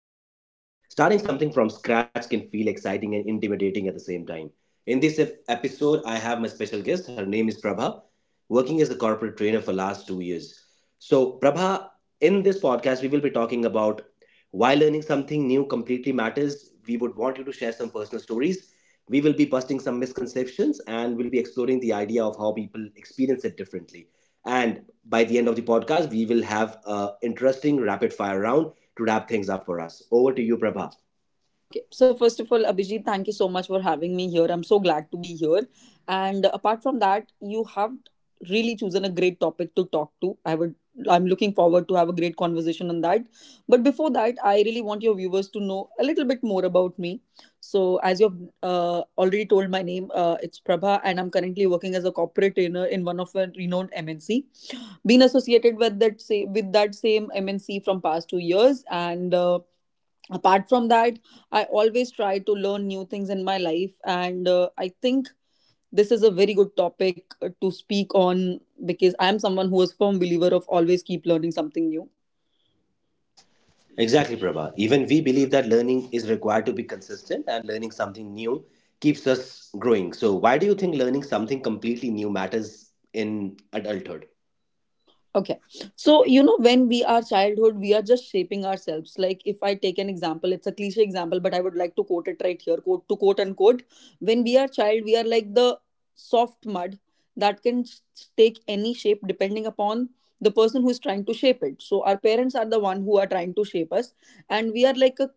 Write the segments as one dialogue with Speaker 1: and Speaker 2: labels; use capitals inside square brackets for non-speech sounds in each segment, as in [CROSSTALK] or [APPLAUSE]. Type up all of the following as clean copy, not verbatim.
Speaker 1: or a mindset. Starting something from scratch can feel exciting and intimidating at the same time. In this episode, I have my special guest. Her name is Prabha, working as a corporate trainer for last 2 years. So, Prabha, in this podcast, we will be talking about why learning something new completely matters. We would want you to share some personal stories. We will be busting some misconceptions, and we'll be exploring the idea of how people experience it differently. And by the end of the podcast, we will have an interesting rapid fire round to wrap things up for us. Over to you, Prabha.
Speaker 2: Okay, so first of all, Abhijit, thank you so much for having me here. I'm so glad to be here. And apart from that, you have really chosen a great topic to talk to. I'm looking forward to have a great conversation on that. But before that, I really want your viewers to know a little bit more about me. So, as you've already told my name, it's Prabha, and I'm currently working as a corporate trainer in one of a renowned MNC. Been associated with that say with that same MNC from past 2 years, and apart from that I always try to learn new things in my life, and I think this is a very good topic to speak on, because I am someone who is firm believer of always keep learning something new.
Speaker 1: Exactly, Prabha. Even we believe that learning is required to be consistent, and learning something new keeps us growing. So, why do you think learning something completely new matters in adulthood?
Speaker 2: Okay. So, you know, when we are childhood, we are just shaping ourselves. Like, if I take an example, it's a cliche example, but I would like to quote it right here, quote to quote unquote. When we are child, we are like the soft mud that take any shape depending upon the person who is trying to shape it. So, our parents are the one who are trying to shape us, and we are like a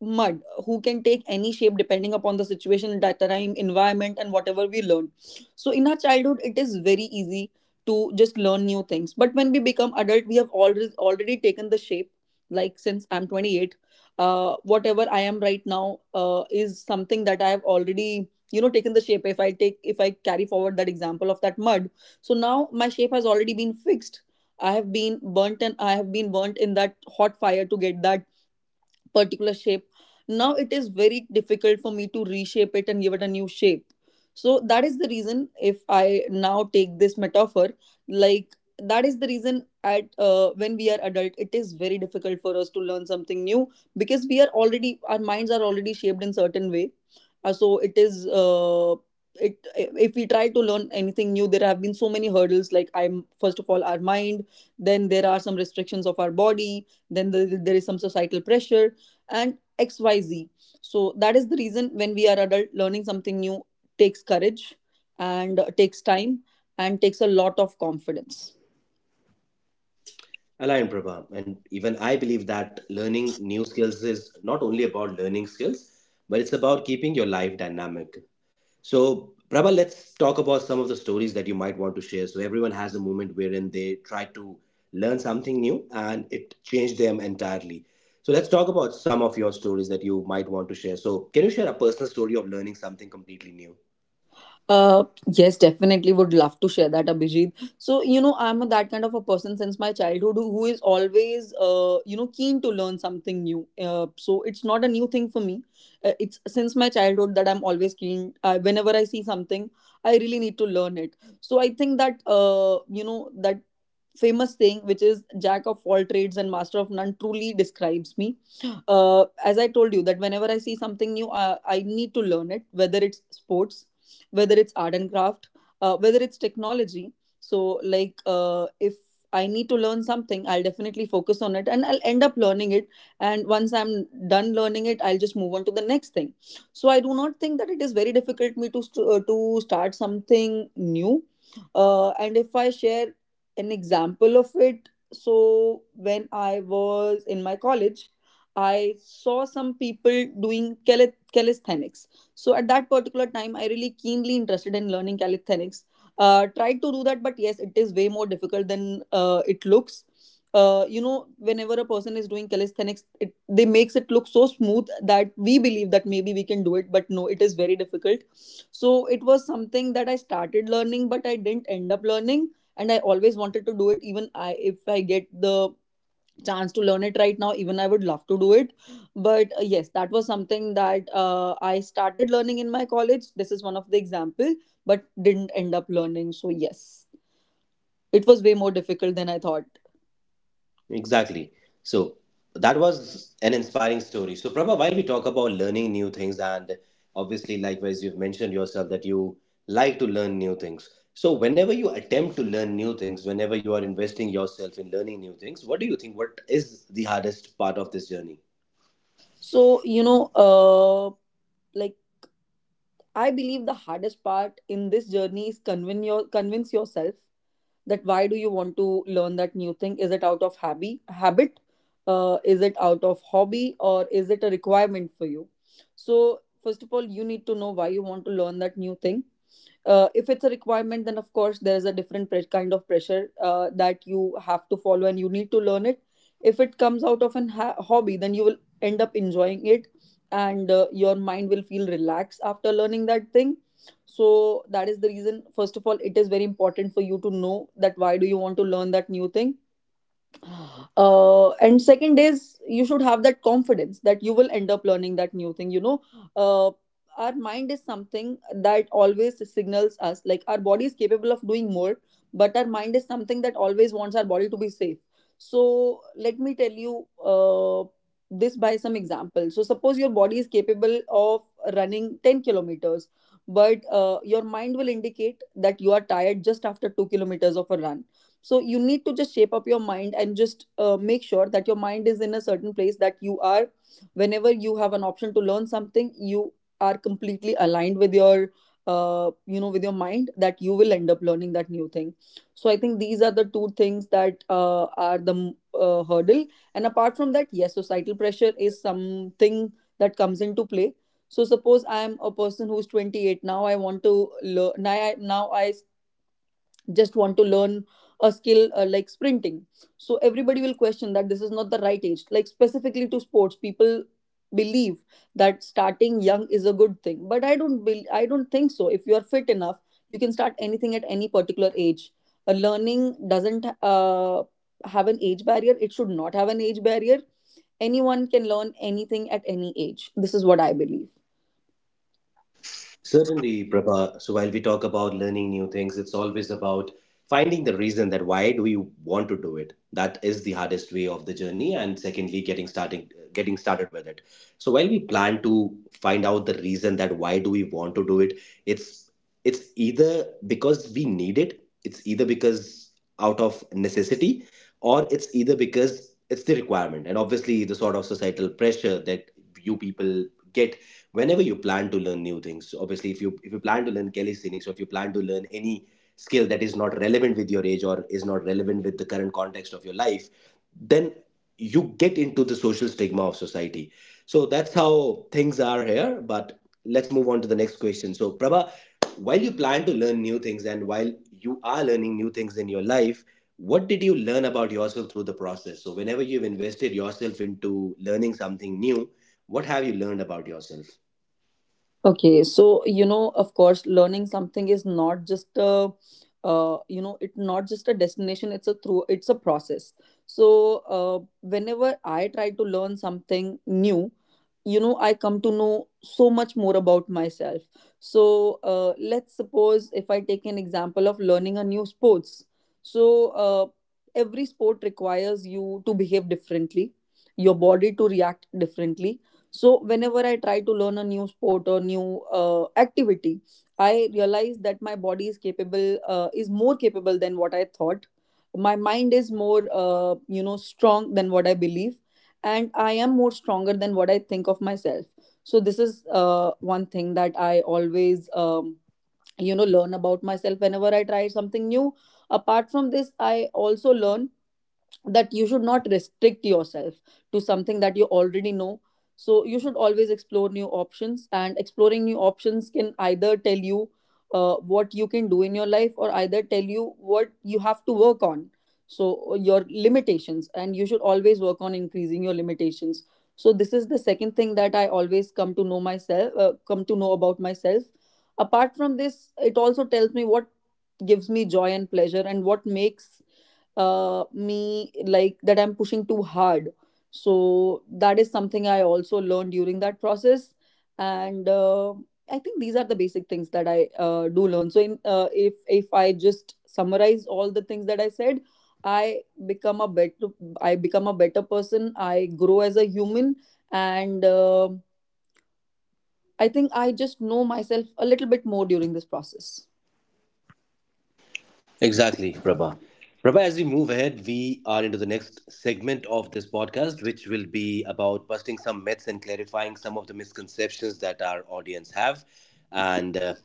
Speaker 2: mud who can take any shape depending upon the situation, that time, environment, and whatever we learn. So, in our childhood, it is very easy to just learn new things, but when we become adult we have already taken the shape. Like, since I'm 28, whatever I am right now is something that I have already, you know, taken the shape, if I take, if I carry forward that example of that mud. So now my shape has already been fixed. I have been burnt, and I have been burnt in that hot fire to get that particular shape. Now it is very difficult for me to reshape it and give it a new shape. So that is the reason, if I now take this metaphor, like, that is the reason at when we are adult it is very difficult for us to learn something new, because we are already, our minds are already shaped in certain way. So it is it, if we try to learn anything new there have been so many hurdles, like, I'm, first of all, our mind, then there are some restrictions of our body, then there is some societal pressure and xyz. So that is the reason when we are adult learning something new takes courage and takes time and takes a lot of confidence.
Speaker 1: Aligned, Prabha. And even I believe that learning new skills is not only about learning skills, but it's about keeping your life dynamic. So, Prabha, let's talk about some of the stories that you might want to share. So, everyone has a moment wherein they try to learn something new and it changed them entirely. So, let's talk about some of your stories that you might want to share. So, can you share a personal story of learning something completely new?
Speaker 2: Uh, yes, definitely would love to share that, Abhijit. So, you know, I'm a, that kind of a person since my childhood who is always you know keen to learn something new, so it's not a new thing for me. It's since my childhood that I'm always keen, whenever I see something I really need to learn it. So I think that you know that famous saying which is jack of all trades and master of none truly describes me. [GASPS] As I told you, that whenever I see something new I need to learn it, whether it's sports, whether it's art and craft, whether it's technology. So, like, if I need to learn something I'll definitely focus on it and I'll end up learning it, and once I'm done learning it I'll just move on to the next thing. So I do not think that it is very difficult me to to start something new. And if I share an example of it, so when I was in my college, I saw some people doing calisthenics. So at that particular time I really keenly interested in learning calisthenics. Tried to do that, but yes, it is way more difficult than it looks. You know, whenever a person is doing calisthenics it they makes it look so smooth that we believe that maybe we can do it, but no, it is very difficult. So it was something that I started learning but I didn't end up learning, and I always wanted to do it. Even I, if I get the chance to learn it right now, even I would love to do it. But yes, that was something that I started learning in my college. This is one of the example, but didn't end up learning. So yes, it was way more difficult than I thought.
Speaker 1: Exactly. So that was an inspiring story. So Prabha, while we talk about learning new things, and obviously, likewise, you've mentioned yourself that you like to learn new things. So whenever you attempt to learn new things, whenever you are investing yourself in learning new things, what do you think? What is the hardest part of this journey?
Speaker 2: So you know, uh like, I believe the hardest part in this journey is convince yourself that why do you want to learn that new thing. Is it out of habit, is it out of hobby, or is it a requirement for you? So first of all you need to know why you want to learn that new thing. If it's a requirement then of course there is a different kind of pressure that you have to follow and you need to learn it. If it comes out of an hobby, then you will end up enjoying it, and your mind will feel relaxed after learning that thing. So that is the reason, first of all it is very important for you to know that why do you want to learn that new thing. And second is, you should have that confidence that you will end up learning that new thing, you know. uh, our mind is something that always signals us, like, our body is capable of doing more, but our mind is something that always wants our body to be safe. So let me tell you uh, this by some example. So suppose your body is capable of running 10 kilometers, but your mind will indicate that you are tired just after 2 kilometers of a run. So you need to just shape up your mind and just make sure that your mind is in a certain place, that you are, whenever you have an option to learn something you are completely aligned with your you know with your mind that you will end up learning that new thing. So I think these are the two things that are the hurdle. And apart from that, yes, societal pressure is something that comes into play. So suppose I am a person who's 28. Now I want to learn, now I just want to learn a skill, like sprinting. So everybody will question that this is not the right age, like specifically to sports people believe that starting young is a good thing. But I don't bel I don't think so. If you are fit enough you can start anything at any particular age. Learning doesn't have an age barrier. It should not have an age barrier. Anyone can learn anything at any age. This is what I believe.
Speaker 1: Certainly, Prabha. So while we talk about learning new things, it's always about finding the reason that why do you want to do it. That is the hardest way of the journey, and secondly, getting started with it. So while we plan to find out the reason that why do we want to do it, it's it's either because we need it, it's either because out of necessity, or it's either because it's the requirement, and obviously the sort of societal pressure that you people get whenever you plan to learn new things. So obviously if you plan to learn calisthenics, or if you plan to learn any skill that is not relevant with your age or is not relevant with the current context of your life, then you get into the social stigma of society. So that's how things are here, but let's move on to the next question. So Prabha, while you plan to learn new things, and while you are learning new things in your life, what did you learn about yourself through the process? So whenever you've invested yourself into learning something new, what have you learned about yourself?
Speaker 2: Okay, so you know, of course, learning something is not just a, you know, it not just a destination. It's a through. It's a process. So uh, whenever I try to learn something new, you know, I come to know so much more about myself. So let's suppose if I take an example of learning a new sports. So uh, every sport requires you to behave differently, your body to react differently. So whenever I try to learn a new sport or new activity, I realize that my body is capable, is more capable than what I thought. My mind is more, you know, strong than what I believe, and I am more stronger than what I think of myself. So this is one thing that I always, you know, learn about myself whenever I try something new. Apart from this, I also learn that you should not restrict yourself to something that you already know. So you should always explore new options, and exploring new options can either tell you what you can do in your life or either tell you what you have to work on. So your limitations, and you should always work on increasing your limitations. So this is the second thing that I always come to know myself, come to know about myself. Apart from this, it also tells me what gives me joy and pleasure and what makes me like that I'm pushing too hard. So that is something I also learned during that process, and I think these are the basic things that I do learn. So in if I just summarize all the things that I said, I become a better I become a better person. I grow as a human, and I think I just know myself a little bit more during this process.
Speaker 1: Exactly, Prabha. Prabha, as we move ahead, we are into the next segment of this podcast, which will be about busting some myths and clarifying some of the misconceptions that our audience have. And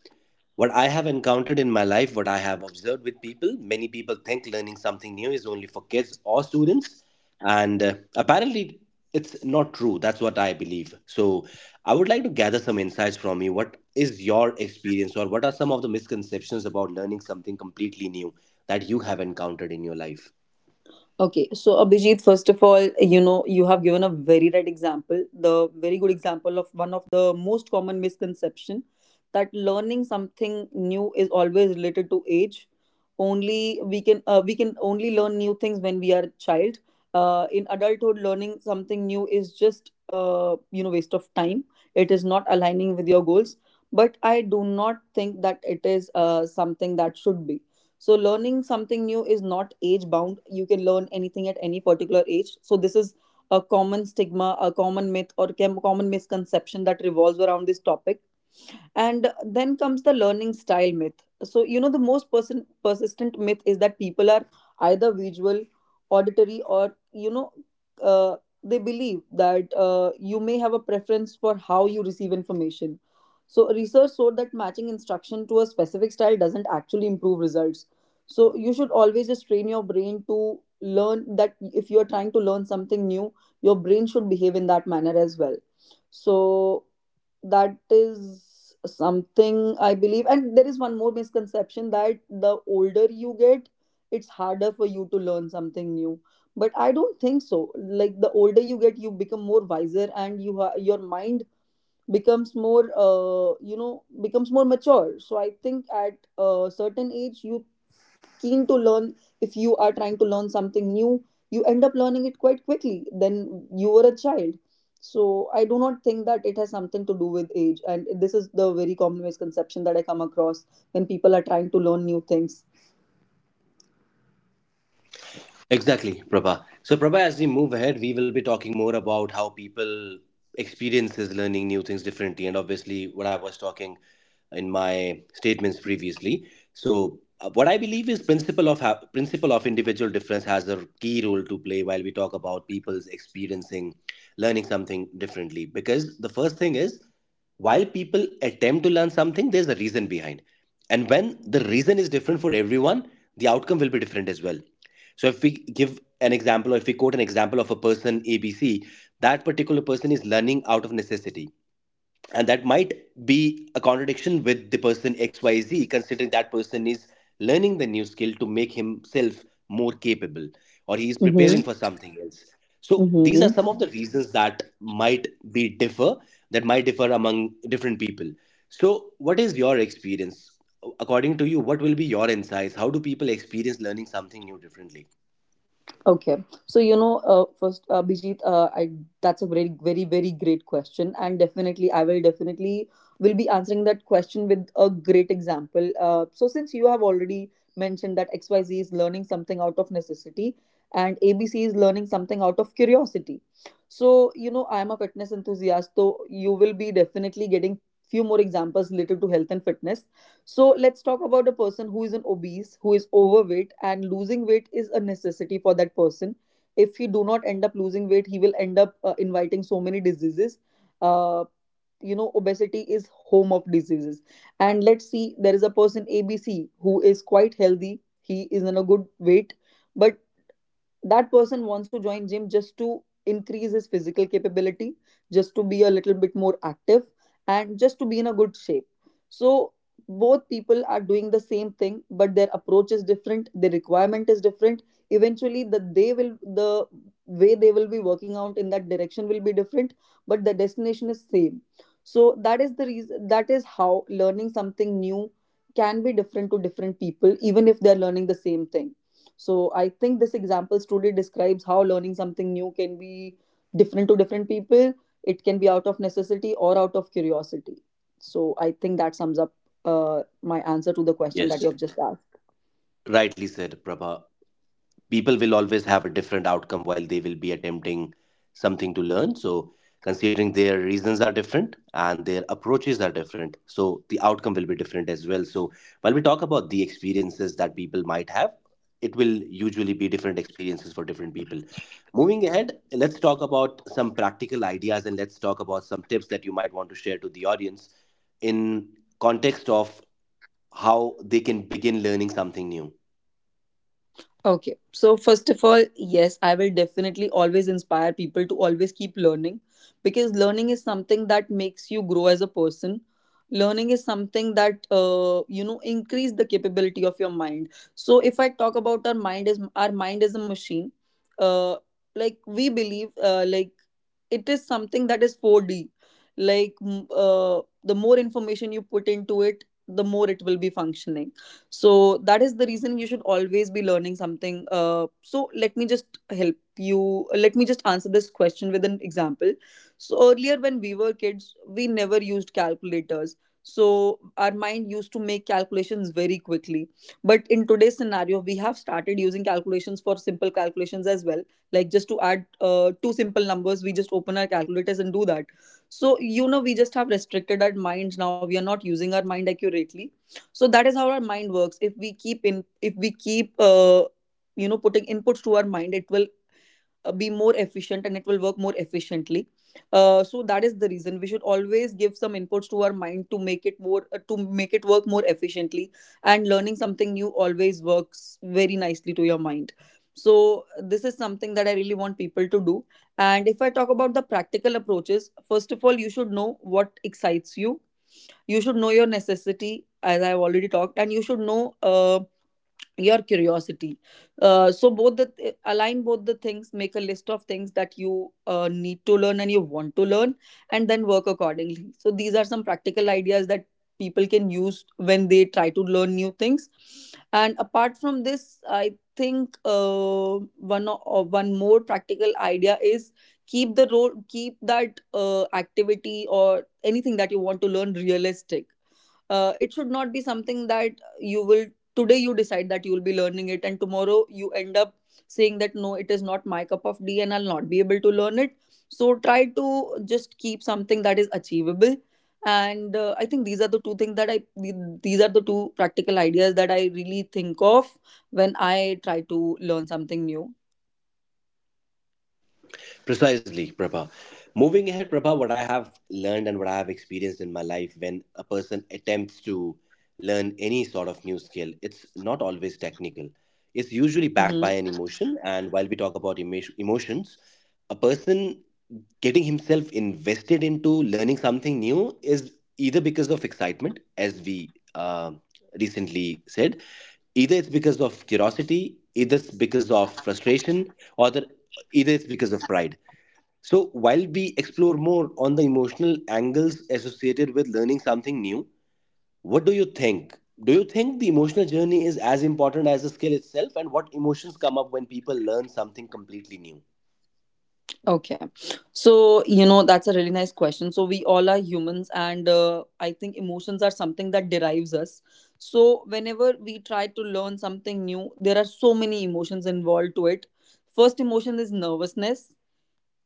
Speaker 1: What I have encountered in my life, what I have observed with people, many people think learning something new is only for kids or students. And apparently, it's not true. That's what I believe. So, I would like to gather some insights from you. What is your experience, or what are some of the misconceptions about learning something completely new that you have encountered in your life?
Speaker 2: Okay, so Abhijit, first of all, you know, you have given a very right example, the very good example of one of the most common misconception that learning something new is always related to age. Only we can only learn new things when we are a child. In adulthood, learning something new is just you know waste of time. It is not aligning with your goals. But I do not think that it is something that should be so learning something new is not age bound. You can learn anything at any particular age. So this is a common stigma, a common myth, or common misconception that revolves around this topic, and then comes the learning style myth. So you know, the persistent myth is that people are either visual, auditory, or you know, uh, they believe that you may have a preference for how you receive information. So research showed that matching instruction to a specific style doesn't actually improve results, so you should always just train your brain to learn that if you are trying to learn something new, your brain should behave in that manner as well. So that is something I believe, and there is one more misconception that the older you get, it's harder for you to learn something new. But I don't think so. Like, the older you get, you become more wiser and your mind becomes more you know becomes more mature. So I think at a certain age you keen to learn. If you are trying to learn something new, you end up learning it quite quickly than you were a child. So I do not think that it has something to do with age, and this is the very common misconception that I come across when people are trying to learn new things.
Speaker 1: Exactly, Prabha. So, Prabha, as we move ahead, we will be talking more about how people experiences learning new things differently, and obviously, what I was talking in my statements previously. So, what I believe is principle of principle of individual difference has a key role to play while we talk about people's experiencing learning something differently. Because the first thing is, while people attempt to learn something, there's a reason behind, and when the reason is different for everyone, the outcome will be different as well. So if we give an example, or if we quote an example of a person ABC, that particular person is learning out of necessity. And that might be a contradiction with the person XYZ, considering that person is learning the new skill to make himself more capable, or he is
Speaker 2: Mm-hmm.
Speaker 1: preparing for something else. So these are
Speaker 2: Mm-hmm.
Speaker 1: some of the reasons that might be differ, that might differ among different people. So what is your experience? According to you, what will be your insights? How do people experience learning something new differently?
Speaker 2: Okay, so you know, first, Abhijit, I that's a very, very, very great question, and definitely, I will be answering that question with a great example. So since you have already mentioned that XYZ is learning something out of necessity, and ABC is learning something out of curiosity. So you know, I am a fitness enthusiast, so you will be definitely getting few more examples related to health and fitness. So let's talk about a person who is an obese, who is overweight, and losing weight is a necessity for that person. If he do not end up losing weight, he will end up inviting so many diseases. Uh, you know, obesity is home of diseases. And let's see, there is a person ABC who is quite healthy. He is in a good weight, but that person wants to join gym just to increase his physical capability, just to be a little bit more active, and just to be in a good shape. So both people are doing the same thing, but their approach is different, their requirement is different. Eventually the way they will be working out in that direction will be different, but the destination is same. So that is the reason, that is how learning something new can be different to different people even if they are learning the same thing. So I think this example truly describes how learning something new can be different to different people. It can be out of necessity or out of curiosity. So I think that sums up my answer to the question that you
Speaker 1: Yes,
Speaker 2: have just asked.
Speaker 1: rightly said, Prabha. People will always have a different outcome while they will be attempting something to learn. So, considering their reasons are different and their approaches are different, so the outcome will be different as well. So, while we talk about the experiences that people might have, it will usually be different experiences for different people. Moving ahead, let's talk about some practical ideas, and let's talk about some tips that you might want to share to the audience in context of how they can begin learning something new.
Speaker 2: Okay. So, first of all, yes, I will definitely always inspire people to always keep learning because learning is something that makes you grow as a person. Learning is something that, you know, increase the capability of your mind. So, if I talk about our mind is a machine. Uh, like, we believe, like, it is something that is 4D. Like, the more information you put into it, the more it will be functioning. So that is the reason you should always be learning something. So let me just help you, let me just answer this question with an example. So earlier when we were kids, we never used calculators, so our mind used to make calculations very quickly. But in today's scenario, we have started using calculations for simple calculations as well. Like just to add two simple numbers, we just open our calculators and do that. So you know, we just have restricted our minds. Now we are not using our mind accurately. So that is how our mind works. If we keep you know putting inputs to our mind, it will be more efficient and it will work more efficiently. So that is the reason we should always give some inputs to our mind to make it more to make it work more efficiently. And learning something new always works very nicely to your mind. So this is something that I really want people to do. And if I talk about the practical approaches, first of all, you should know what excites you, you should know your necessity, as I've already talked, and you should know your curiosity. So both align both the things, make a list of things that you need to learn and you want to learn, and then work accordingly. So these are some practical ideas that people can use when they try to learn new things. And apart from this, I think one more practical idea is keep the road keep that activity or anything that you want to learn realistic. It should not be something that you will, today you decide that you'll be learning it and tomorrow you end up saying that no, it is not my cup of tea and I'll not be able to learn it. So try to just keep something that is achievable. And I think these are the two things that these are the two practical ideas that I really think of when I try to learn something new.
Speaker 1: Precisely, Prabha. Moving ahead, Prabha, what I have learned and what I have experienced in my life when a person attempts to learn any sort of new skill, it's not always technical. It's usually backed by
Speaker 2: Mm-hmm.
Speaker 1: an emotion. And while we talk about emotions, a person getting himself invested into learning something new is either because of excitement, as we uh, recently said, either it's because of curiosity, either it's because of frustration, or the, either it's because of pride. So, while we explore more on the emotional angles associated with learning something new, what do you think? Do you think the emotional journey is as important as the skill itself, and what emotions come up when people learn something completely new?
Speaker 2: Okay. So, you know, that's a really nice question. So, we all are humans, and I think emotions are something that derives us. So, whenever we try to learn something new, there are so many emotions involved to it. First emotion is nervousness,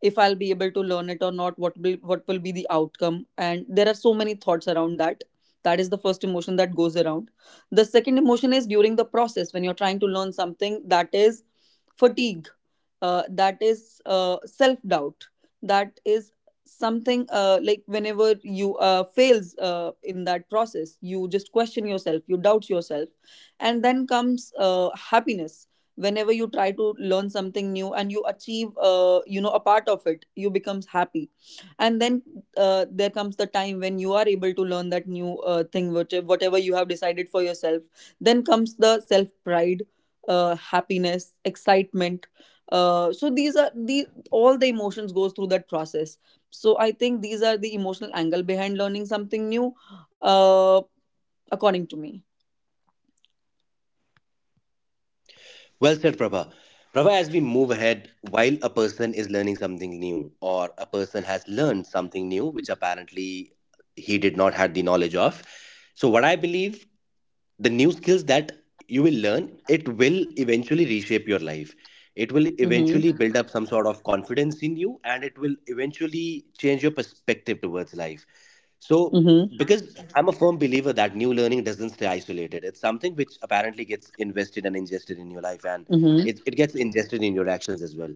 Speaker 2: if I'll be able to learn it or not, what will be the outcome? And there are so many thoughts around that. That is the first emotion that goes around. The second emotion is during the process when you're trying to learn something, that is fatigue, that is self doubt, that is something like whenever you fails in that process, you just question yourself, you doubt yourself. And then comes happiness. Whenever you try to learn something new and you achieve you know a part of it, you becomes happy. And then there comes the time when you are able to learn that new thing, which, whatever you have decided for yourself, then comes the self pride, happiness, excitement. So these are the all the emotions goes through that process. So I think these are the emotional angle behind learning something new, uh, according to me.
Speaker 1: Well said, Prabha. Prabha, as we move ahead, while a person is learning something new, or a person has learned something new, which apparently he did not had the knowledge of. So, what I believe, the new skills that you will learn, it will eventually reshape your life. It will
Speaker 2: Mm-hmm.
Speaker 1: eventually build up some sort of confidence in you, and it will eventually change your perspective towards life. So
Speaker 2: Mm-hmm.
Speaker 1: because I'm a firm believer that new learning doesn't stay isolated, it's something which apparently gets invested and ingested in your life, and
Speaker 2: Mm-hmm.
Speaker 1: it gets ingested in your actions as well.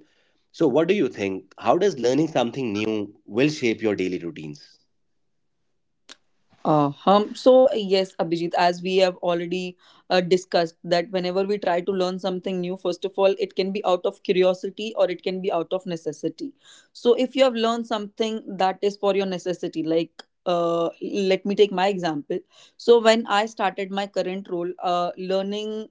Speaker 1: So what do you think, how does learning something new will shape your daily routines?
Speaker 2: Uh-huh. So, yes, Abhijit, as we have already discussed, that whenever we try to learn something new, first of all, it can be out of curiosity or it can be out of necessity. So, if you have learned something that is for your necessity, like let me take my example. So, when I started my current role, learning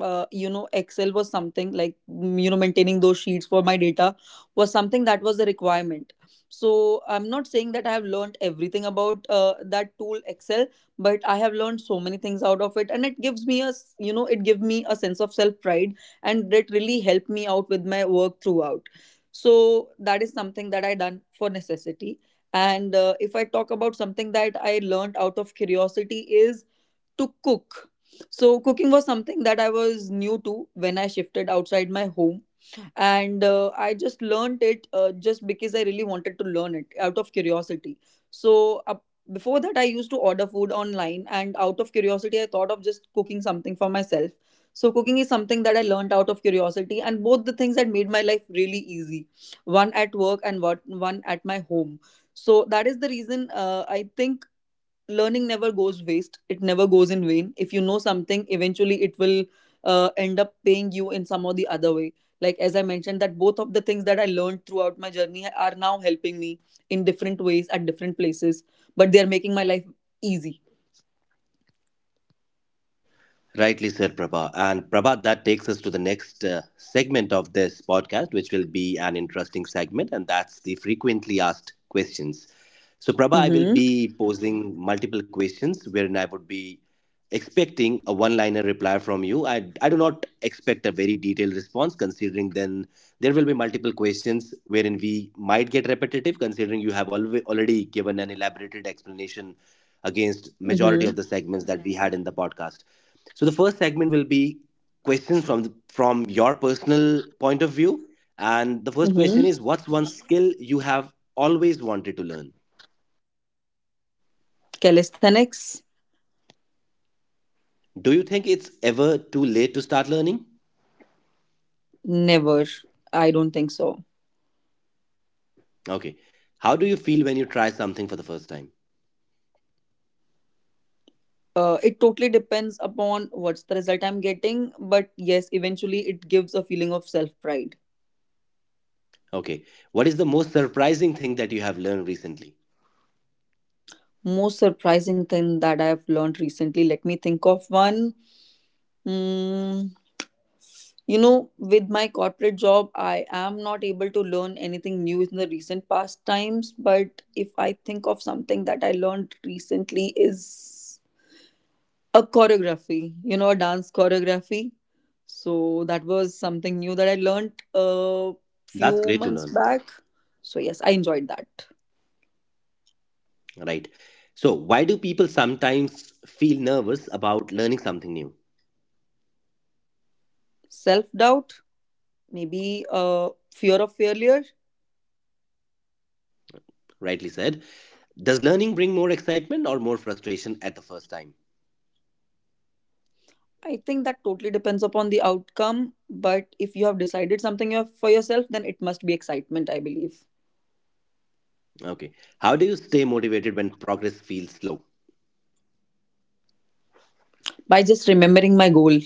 Speaker 2: you know excel was something like mm, you know maintaining those sheets for my data was something that was a requirement. So I'm not saying that I have learned everything about that tool excel, but I have learned so many things out of it, and it gives me you know it gives me a sense of self pride, and it really helped me out with my work throughout. So that is something that I done for necessity. And if I talk about something that I learned out of curiosity is to cook. So, cooking was something that I was new to when I shifted outside my home. And I just learned it just because I really wanted to learn it out of curiosity. So, before that, I used to order food online. And out of curiosity, I thought of just cooking something for myself. So, cooking is something that I learned out of curiosity. And both the things had made my life really easy, one at work and one at my home. So that is the reason, I think learning never goes waste, it never goes in vain. If you know something, eventually it will end up paying you in some or the other way. Like as I mentioned, that both of the things that I learned throughout my journey are now helping me in different ways at different places, but they are making my life easy.
Speaker 1: Rightly said, Prabha. And Prabha, that takes us to the next segment of this podcast, which will be an interesting segment, and that's the frequently asked questions. So, Prabha, I will
Speaker 2: Mm-hmm.
Speaker 1: be posing multiple questions wherein I would be expecting a one liner reply from you. I do not expect a very detailed response, considering then there will be multiple questions wherein we might get repetitive, considering you have already given an elaborated explanation against
Speaker 2: Mm-hmm.
Speaker 1: majority of the segments that we had in the podcast. So the first segment will be questions from from your personal point of view, and the first question
Speaker 2: Mm-hmm.
Speaker 1: is, what's one skill you have always wanted to learn?
Speaker 2: Calisthenics.
Speaker 1: Do you think it's ever too late to start learning?
Speaker 2: Never. I don't think so.
Speaker 1: Okay. How do you feel when you try something for the first time?
Speaker 2: It totally depends upon what's the result I'm getting, but yes, eventually it gives a feeling of self pride.
Speaker 1: Okay. What is the most surprising thing that you have learned recently?
Speaker 2: Most surprising thing that I've learned recently, let me think of one. Mm, with my corporate job, I am not able to learn anything new in the recent past times. But if I think of something that I learned recently, is a choreography, a dance choreography. So that was something new that I learned a
Speaker 1: That's
Speaker 2: few
Speaker 1: great to
Speaker 2: months
Speaker 1: learn,
Speaker 2: back. So, yes, I enjoyed that.
Speaker 1: right? So, why do people sometimes feel nervous about learning something new?
Speaker 2: Self doubt, maybe, fear of failure.
Speaker 1: Rightly said. Does learning bring more excitement or more frustration at the first time?
Speaker 2: I think that totally depends upon the outcome. But if you have decided something for yourself, then it must be excitement, I believe.
Speaker 1: Okay. How do you stay motivated when progress feels slow?
Speaker 2: By just remembering my goal.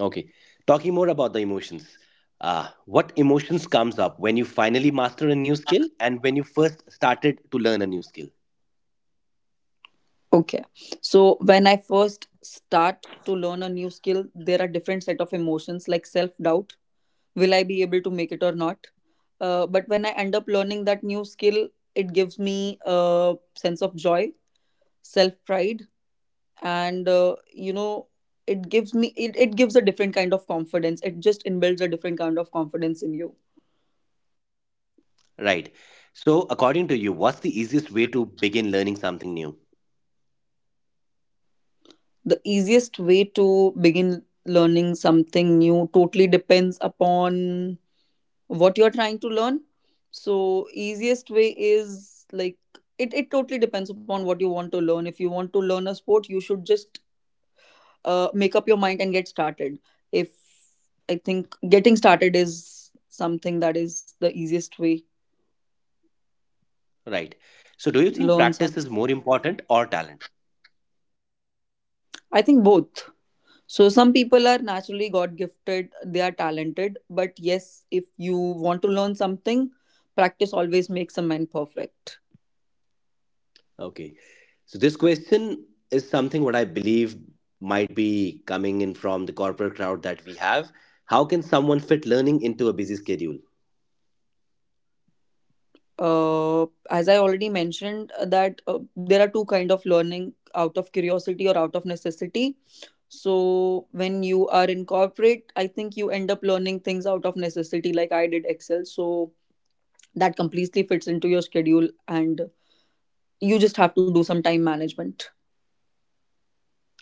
Speaker 1: Okay. Talking more about the emotions. What emotions comes up when you finally master a new skill, and when you first started to learn a new skill?
Speaker 2: Okay. So when I first start to learn a new skill, there are different set of emotions like self doubt. Will I be able to make it or not? But when I end up learning that new skill, it gives me a sense of joy, self pride, and it gives me, it gives a different kind of confidence, it just inbuilds a different kind of confidence in you.
Speaker 1: Right. So according to you, what's the easiest way to begin learning something new?
Speaker 2: The easiest way to begin learning something new totally depends upon what you're trying to learn. So easiest way is like, it totally depends upon what you want to learn. If you want to learn a sport, you should just make up your mind and get started. If I think getting started is something that is the easiest way.
Speaker 1: Right. So do you think
Speaker 2: Learn
Speaker 1: practice
Speaker 2: something.
Speaker 1: is more important or talent?
Speaker 2: I think both. So some people are naturally God gifted, they are talented, but yes, if you want to learn something, practice always makes a man perfect.
Speaker 1: Okay. So this question is something what I believe might be coming in from the corporate crowd that we have. How can someone fit learning into a busy schedule?
Speaker 2: As I already mentioned, that there are two kind of learning, out of curiosity or out of necessity. So when you are in corporate, I think you end up learning things out of necessity, like I did Excel. So that completely fits into your schedule, and you just have to do some time management.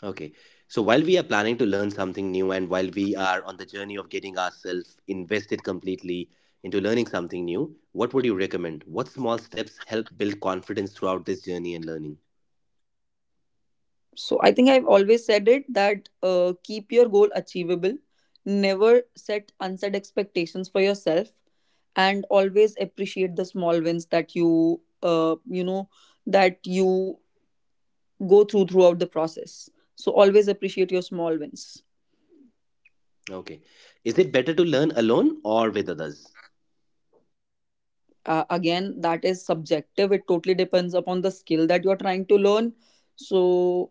Speaker 1: Okay. So while we are planning to learn something new, and while we are on the journey of getting ourselves invested completely into learning something new, what would you recommend? What small steps help build confidence throughout this journey and learning?
Speaker 2: So I think I've always said it, that keep your goal achievable, never set unset expectations for yourself, and always appreciate the small wins that you you know that you go through throughout the process. So always appreciate your small wins.
Speaker 1: Okay. Is it better to learn alone or with others?
Speaker 2: Again, that is subjective. It totally depends upon the skill that you're trying to learn. So,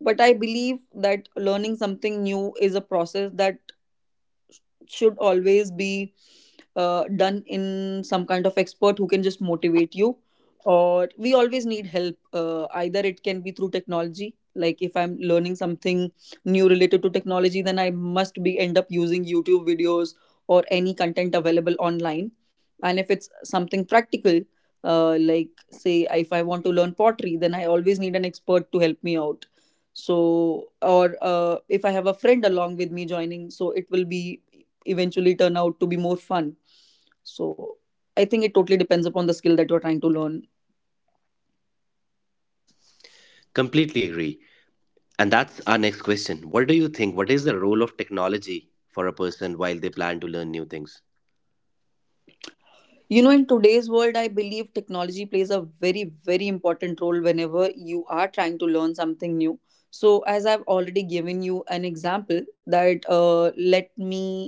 Speaker 2: but I believe that learning something new is a process that should always be done in some kind of expert who can just motivate you, or we always need help. Either it can be through technology, like if I'm learning something new related to technology, then I must be end up using YouTube videos or any content available online. And if it's something practical, like say if I want to learn pottery, then I always need an expert to help me out. So, or if I have a friend along with me joining, so it will be eventually turn out to be more fun. So I think it totally depends upon the skill that you're trying to learn.
Speaker 1: Completely agree. And that's our next question. What do you think? What is the role of technology for a person while they plan to learn new things?
Speaker 2: In today's world, I believe technology plays a very, very important role whenever you are trying to learn something new. So, as I've already given you an example, that let me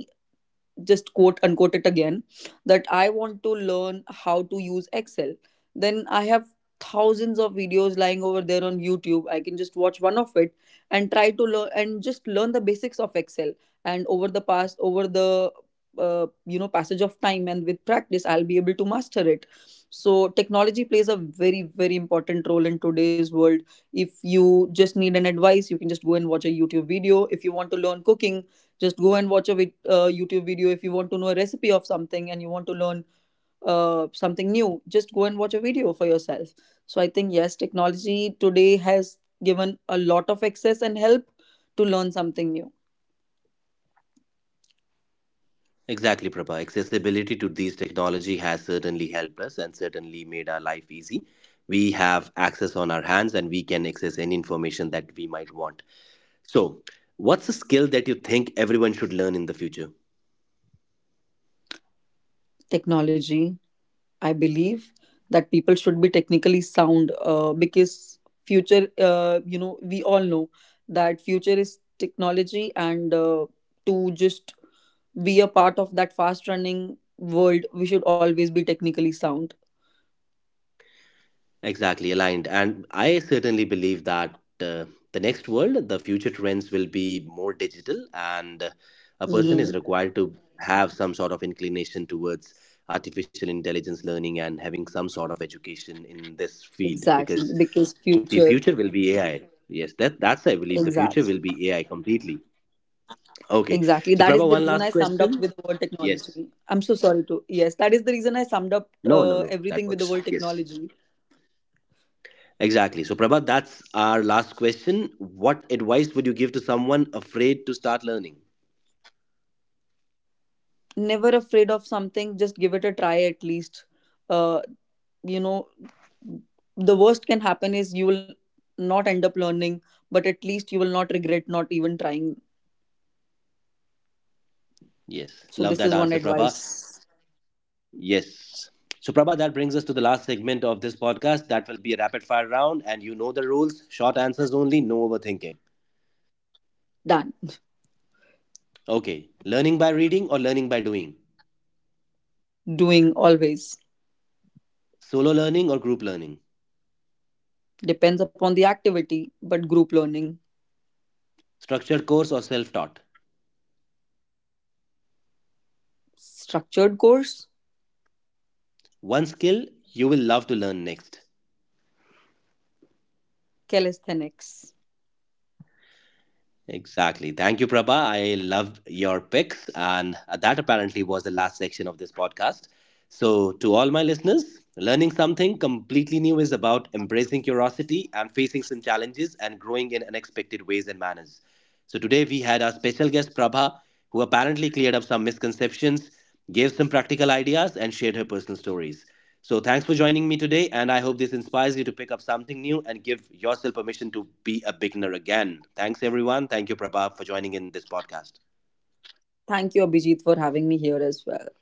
Speaker 2: just quote unquote it again, that I want to learn how to use Excel. Then I have thousands of videos lying over there on YouTube, I can just watch one of it and try to learn and just learn the basics of Excel. And over the passage of time and with practice I'll be able to master it. So technology plays a very, very important role in today's world. If you just need an advice, you can just go and watch a YouTube video. If you want to learn cooking, just go and watch a YouTube video. If you want to know a recipe of something and you want to learn something new, just go and watch a video for yourself. So I think yes, technology today has given a lot of access and help to learn something new.
Speaker 1: Exactly, Prabha. Accessibility to these technology has certainly helped us and certainly made our life easy. We have access on our hands, and we can access any information that we might want. So, what's a skill that you think everyone should learn in the future?
Speaker 2: Technology. I believe that people should be technically sound because future, we all know that future is technology. And to just be a part of that fast running world, we should always be technically sound.
Speaker 1: Exactly, aligned. And I certainly believe that uh, the next world, the future trends will be more digital, and a person
Speaker 2: Hmm.
Speaker 1: is required to have some sort of inclination towards artificial intelligence learning and having some sort of education in this field,
Speaker 2: Exactly.
Speaker 1: because
Speaker 2: Because
Speaker 1: the
Speaker 2: future,
Speaker 1: future will be AI. Yes, that that's I believe the future will
Speaker 2: exactly.
Speaker 1: be AI completely. Okay.
Speaker 2: Exactly.
Speaker 1: So
Speaker 2: That is
Speaker 1: Prabha,
Speaker 2: the
Speaker 1: one
Speaker 2: reason I
Speaker 1: last
Speaker 2: summed up
Speaker 1: question.
Speaker 2: with the word
Speaker 1: Yes.
Speaker 2: technology. I'm so sorry to. Yes, that is the reason I summed up
Speaker 1: No, no, no. That
Speaker 2: everything with the
Speaker 1: works.
Speaker 2: word
Speaker 1: Yes.
Speaker 2: technology.
Speaker 1: Exactly. So Prabha, that's our last question. What advice would you give to someone afraid to start learning?
Speaker 2: Never afraid of something, just give it a try at least. Uh, you know, the worst can happen is you will not end up learning, but at least you will not regret not even trying.
Speaker 1: Yes.
Speaker 2: So,
Speaker 1: Love
Speaker 2: this
Speaker 1: that
Speaker 2: is one
Speaker 1: answer, Prabha.
Speaker 2: advice.
Speaker 1: Yes. So Prabha, that brings us to the last segment of this podcast. That will be a rapid fire round, and you know the rules. Short answers only, no overthinking.
Speaker 2: Done.
Speaker 1: Okay. Learning by reading or learning by doing?
Speaker 2: Doing always.
Speaker 1: Solo learning or group learning?
Speaker 2: Depends upon the activity, but group learning.
Speaker 1: Structured course or self taught?
Speaker 2: Structured course.
Speaker 1: One skill you will love to learn next.
Speaker 2: Calisthenics.
Speaker 1: Exactly. Thank you, Prabha. I love your picks. And that apparently was the last section of this podcast. So, to all my listeners, learning something completely new is about embracing curiosity and facing some challenges and growing in unexpected ways and manners. So, today we had our special guest, Prabha, who apparently cleared up some misconceptions, gave some practical ideas, and shared her personal stories. So thanks for joining me today, and I hope this inspires you to pick up something new and give yourself permission to be a beginner again. Thanks, everyone. Thank you, Prabha, for joining in this podcast.
Speaker 2: Thank you, Abhijit, for having me here as well.